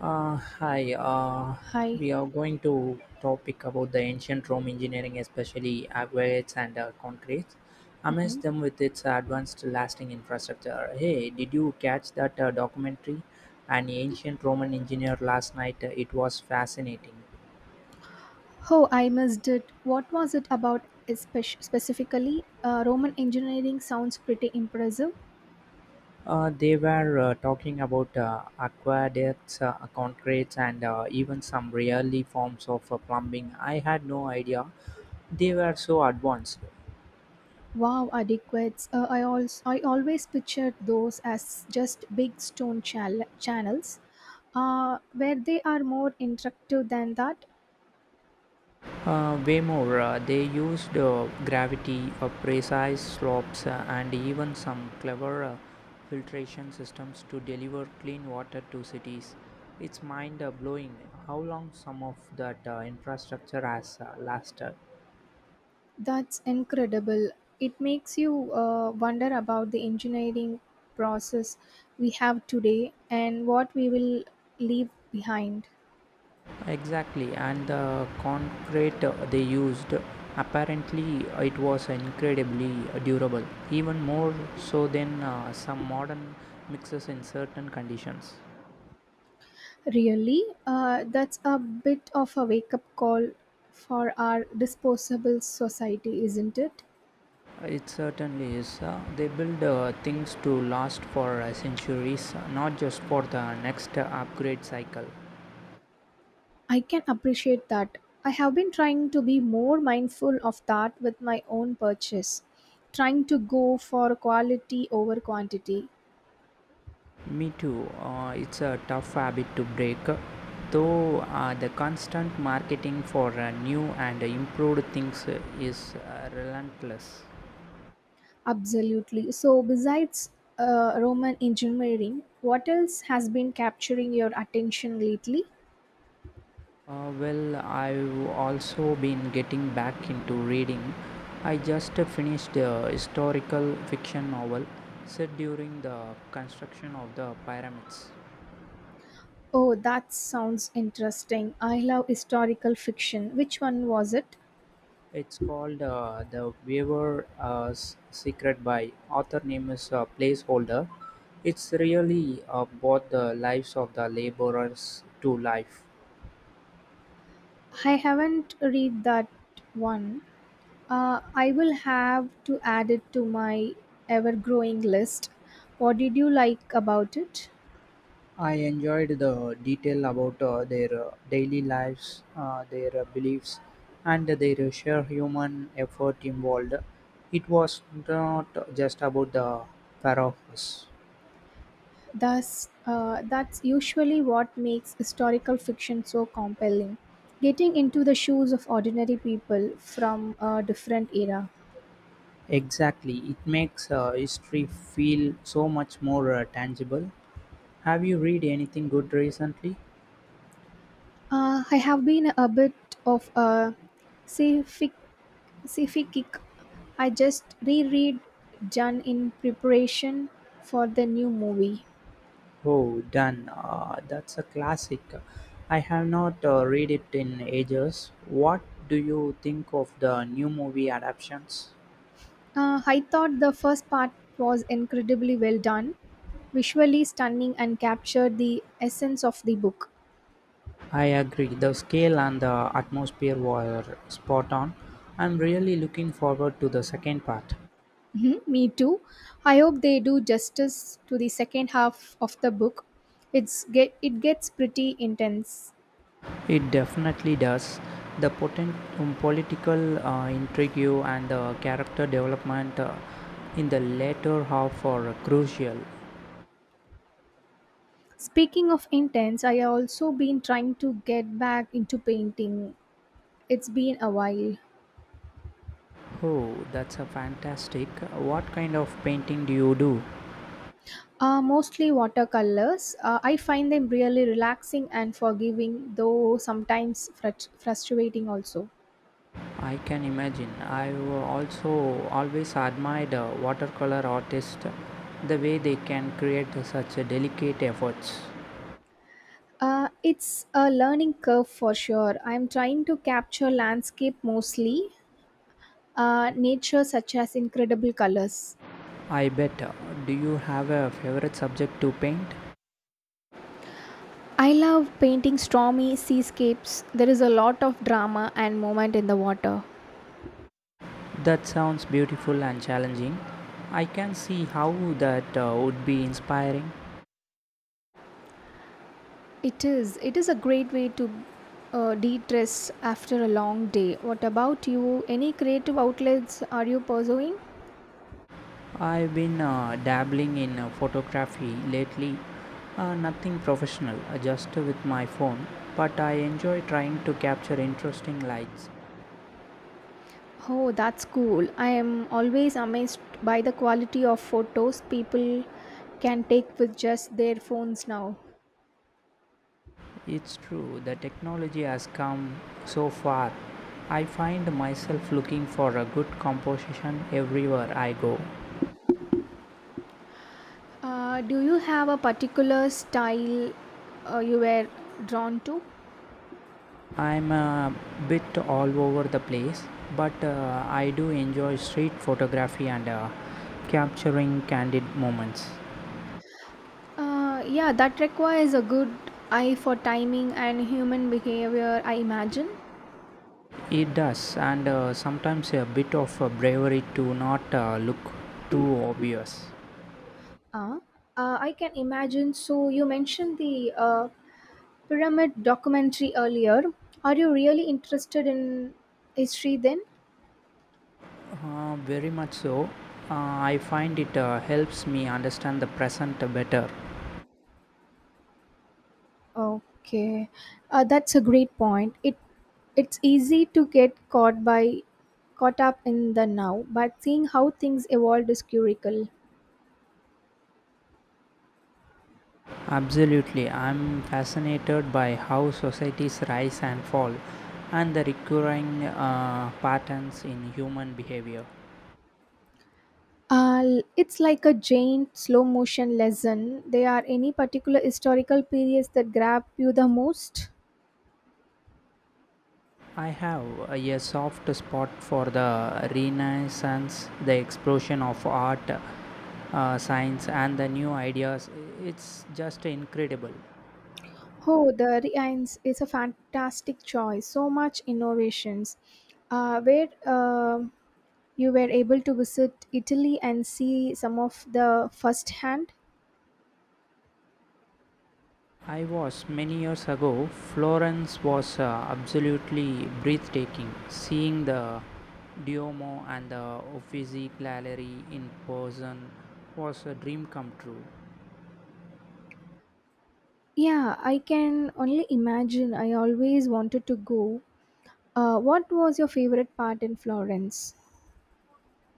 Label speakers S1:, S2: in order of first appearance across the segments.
S1: Uh, hi, uh,
S2: Hi.
S1: we are going to topic about the ancient Rome engineering, especially aqueducts and concretes. Amazed them with its advanced lasting infrastructure. Hey, did you catch that documentary? An ancient Roman engineer last night. It was fascinating.
S2: Oh, I missed it. What was it about specifically? Roman engineering sounds pretty impressive.
S1: They were talking about aqueducts, concretes, and even some really forms of plumbing. I had no idea they were so advanced.
S2: Wow, adequates. I always pictured those as just big stone channels. Where they are more interactive than that.
S1: Way more, they used gravity, precise slopes, and even some clever filtration systems to deliver clean water to cities. It's mind blowing how long some of that infrastructure has lasted.
S2: That's incredible. It makes you wonder about the engineering process we have today and what we will leave behind.
S1: Exactly, and the concrete they used apparently it was incredibly durable, even more so than some modern mixes in certain conditions.
S2: Really? That's a bit of a wake up call for our disposable society, isn't it?
S1: It certainly is. They build things to last for centuries, not just for the next upgrade cycle.
S2: I can appreciate that. I have been trying to be more mindful of that with my own purchase, trying to go for quality over quantity.
S1: Me too. It's a tough habit to break. Though the constant marketing for new and improved things is relentless.
S2: Absolutely. So, besides Roman engineering, what else has been capturing your attention lately?
S1: Well, I've also been getting back into reading. I just finished a historical fiction novel set during the construction of the pyramids.
S2: Oh, that sounds interesting. I love historical fiction. Which one was it?
S1: It's called The Weaver Secret by author name is placeholder. It's really brought the lives of the laborers to life.
S2: I haven't read that one. I will have to add it to my ever growing list. What did you like about it?
S1: I enjoyed the detail about their daily lives, their beliefs, and their sheer human effort involved. It was not just about the pharaohs.
S2: Thus, that's usually what makes historical fiction so compelling. Getting into the shoes of ordinary people from a different era.
S1: Exactly, it makes history feel so much more tangible. Have you read anything good recently?
S2: I have been a bit of a sci-fi sci-fi kick. I just reread Jan in preparation for the new movie.
S1: Oh, done. That's a classic. I have not read it in ages. What do you think of the new movie adaptations?
S2: I thought the first part was incredibly well done, visually stunning, and captured the essence of the book.
S1: I agree. The scale and the atmosphere were spot on. I'm really looking forward to the second part.
S2: Mhm, me too. I hope they do justice to the second half of the book. It gets pretty intense.
S1: It definitely does. The potent political intrigue and the character development in the latter half are crucial.
S2: Speaking of intense, I have also been trying to get back into painting. It's been a while.
S1: Oh, that's a fantastic. What kind of painting do you do?
S2: Mostly watercolors. I find them really relaxing and forgiving, though sometimes frustrating also.
S1: I can imagine. I've also always admired watercolor artists, the way they can create such a delicate efforts.
S2: It's a learning curve for sure. I'm trying to capture landscape mostly, nature such as incredible colors.
S1: I bet. Do you have a favorite subject to paint?
S2: I love painting stormy seascapes. There is a lot of drama and moment in the water.
S1: That sounds beautiful and challenging. I can see how that would be inspiring.
S2: It is. It is a great way to de-stress after a long day. What about you? Any creative outlets are you pursuing?
S1: I've been dabbling in photography lately, nothing professional, just with my phone, but I enjoy trying to capture interesting lights.
S2: Oh, that's cool. I am always amazed by the quality of photos people can take with just their phones now.
S1: It's true, the technology has come so far. I find myself looking for a good composition everywhere I go.
S2: Do you have a particular style you were drawn to?
S1: I'm a bit all over the place, but I do enjoy street photography and capturing candid moments.
S2: Yeah, that requires a good eye for timing and human behavior, I imagine.
S1: It does, and sometimes a bit of bravery to not look too obvious.
S2: Uh, I can imagine. So, you mentioned the pyramid documentary earlier. Are you really interested in history then?
S1: Very much so. Uh, I find it helps me understand the present better.
S2: Okay, that's a great point. It's easy to get caught by caught up in the now, but seeing how things evolved is curical.
S1: Absolutely, I'm fascinated by how societies rise and fall and the recurring patterns in human behavior.
S2: It's like a giant slow motion lesson. There are any particular historical periods that grab you the most?
S1: I have a soft spot for the Renaissance, the explosion of art, science, and the new ideas. It's just incredible.
S2: Oh, the Rhines is a fantastic choice. So much innovations. Where you were able to visit Italy and see some of the firsthand.
S1: I was many years ago, Florence was absolutely breathtaking. Seeing the Duomo and the Uffizi Gallery in person was a dream come true.
S2: Yeah, I can only imagine. I always wanted to go. What was your favorite part in Florence?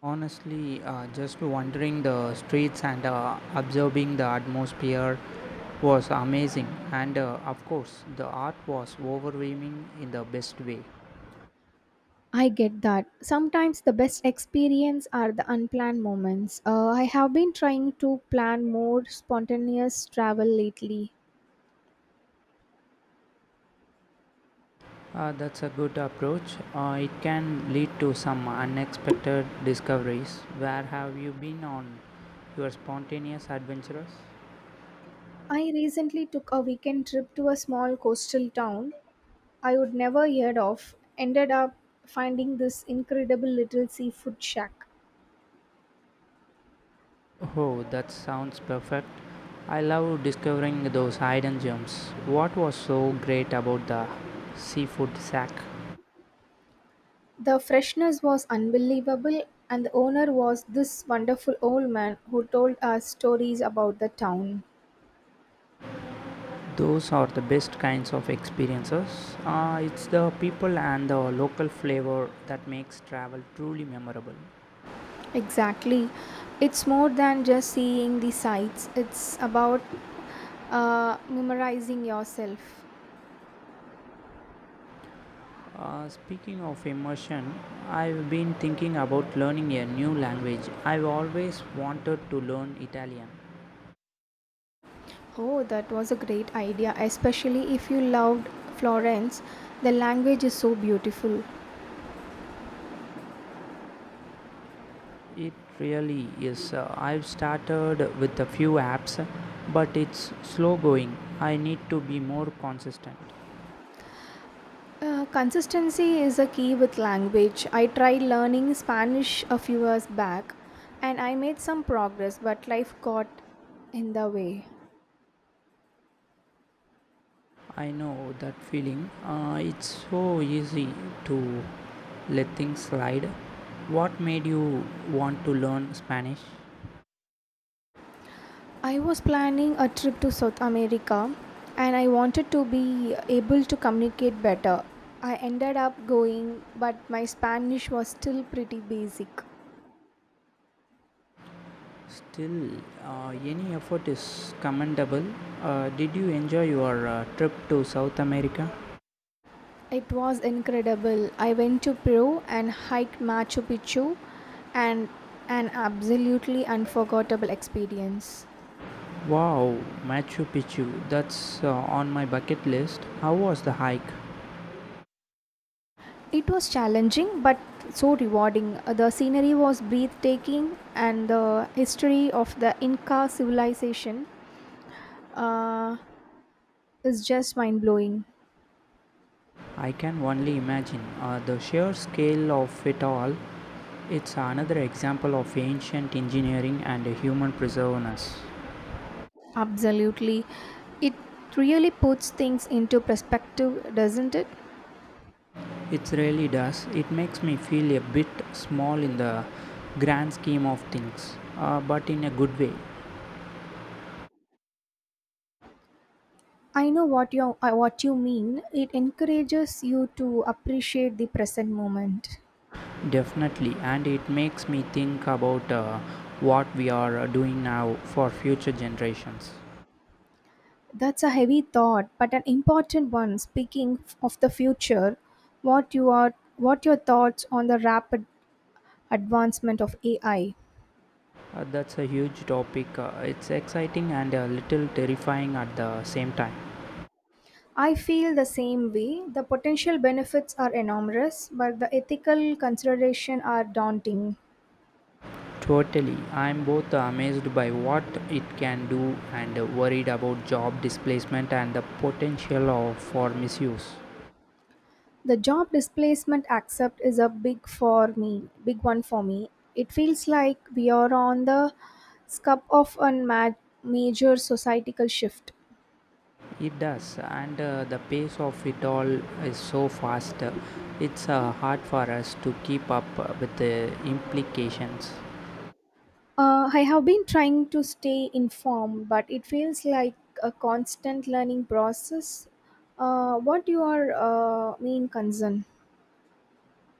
S1: Honestly, just wandering the streets and observing the atmosphere was amazing, and of course, the art was overwhelming in the best way.
S2: I get that. Sometimes the best experience are the unplanned moments. I have been trying to plan more spontaneous travel lately.
S1: That's a good approach. It can lead to some unexpected discoveries. Where have you been on your spontaneous adventures?
S2: I recently took a weekend trip to a small coastal town I would never heard of. Ended up finding this incredible little seafood shack.
S1: Oh, that sounds perfect. I love discovering those hidden gems. What was so great about the seafood sack?
S2: The freshness was unbelievable, and the owner was this wonderful old man who told us stories about the town.
S1: Those are the best kinds of experiences. It's the people and the local flavor that makes travel truly memorable.
S2: Exactly. It's more than just seeing the sights, it's about memorizing yourself.
S1: Speaking of immersion, I've been thinking about learning a new language. I've always wanted to learn Italian.
S2: Oh, that was a great idea, especially if you loved Florence. The language is so beautiful.
S1: It really is. I've started with a few apps, but it's slow going. I need to be more consistent.
S2: Consistency is a key with language. I tried learning Spanish a few years back and I made some progress, but life got in the way.
S1: I know that feeling. It's so easy to let things slide. What made you want to learn Spanish?
S2: I was planning a trip to South America and I wanted to be able to communicate better. I ended up going, but my Spanish was still pretty basic.
S1: Still, any effort is commendable. Did you enjoy your trip to South America?
S2: It was incredible. I went to Peru and hiked Machu Picchu and an absolutely unforgettable experience.
S1: Wow, Machu Picchu, that's on my bucket list. How was the hike?
S2: It was challenging but so rewarding. The scenery was breathtaking, and the history of the Inca civilization uh, is just mind blowing.
S1: I can only imagine the sheer scale of it all. It's another example of ancient engineering and human perseverance.
S2: Absolutely. It really puts things into perspective, doesn't it?
S1: It really does. It makes me feel a bit small in the grand scheme of things, but in a good way,
S2: I know what you mean. It encourages you to appreciate the present moment.
S1: definitely. And it makes me think about what we are doing now for future generations.
S2: That's a heavy thought, but an important one. Speaking of the future, what your thoughts on the rapid advancement of AI.
S1: That's a huge topic. It's exciting and a little terrifying at the same time.
S2: I feel the same way. The potential benefits are enormous, but the ethical considerations are daunting.
S1: Totally. I'm both amazed by what it can do and worried about job displacement and the potential of, for misuse.
S2: The job displacement accept is a big for me, big one for me. It feels like we are on the cusp of a major societal shift.
S1: It does, and the pace of it all is so fast. It's hard for us to keep up with the implications.
S2: I have been trying to stay informed, but it feels like a constant learning process. What your main concern?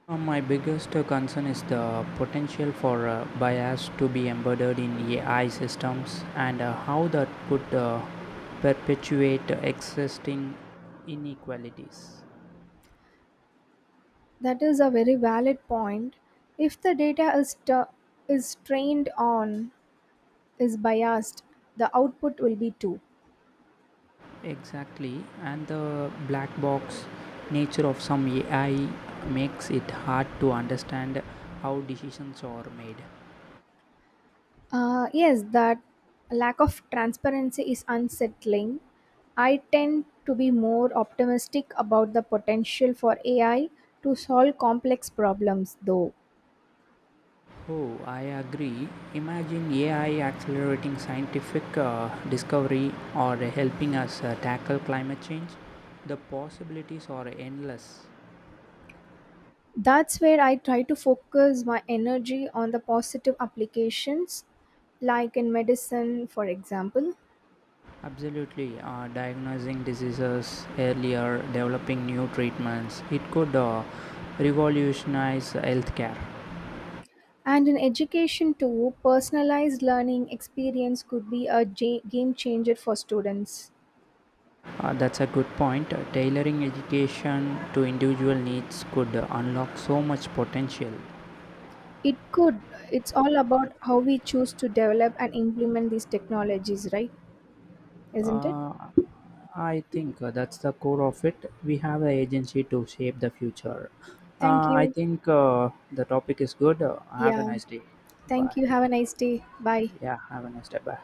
S1: My biggest concern is the potential for bias to be embedded in AI systems and how that could perpetuate existing inequalities.
S2: That is a very valid point. If the data is trained on is biased, the output will be too.
S1: Exactly, and the black box nature of some AI makes it hard to understand how decisions are made.
S2: Yes, that lack of transparency is unsettling. I tend to be more optimistic about the potential for AI to solve complex problems, though.
S1: Oh, I agree. Imagine AI accelerating scientific discovery or helping us tackle climate change. The possibilities are endless.
S2: That's where I try to focus my energy on the positive applications, like in medicine, for example.
S1: Absolutely, diagnosing diseases earlier, developing new treatments, it could revolutionize healthcare.
S2: And in education, too, personalized learning experience could be a game changer for students.
S1: That's a good point. Tailoring education to individual needs could unlock so much potential.
S2: It could. It's all about how we choose to develop and implement these technologies, right? Isn't it?
S1: Uh, I think that's the core of it. We have the agency to shape the future.
S2: Thank
S1: I
S2: you.
S1: think the topic is good. Have a
S2: Yeah.
S1: nice day.
S2: Thank
S1: Bye.
S2: you. Have a nice day. Bye.
S1: Yeah, have a nice day. Bye.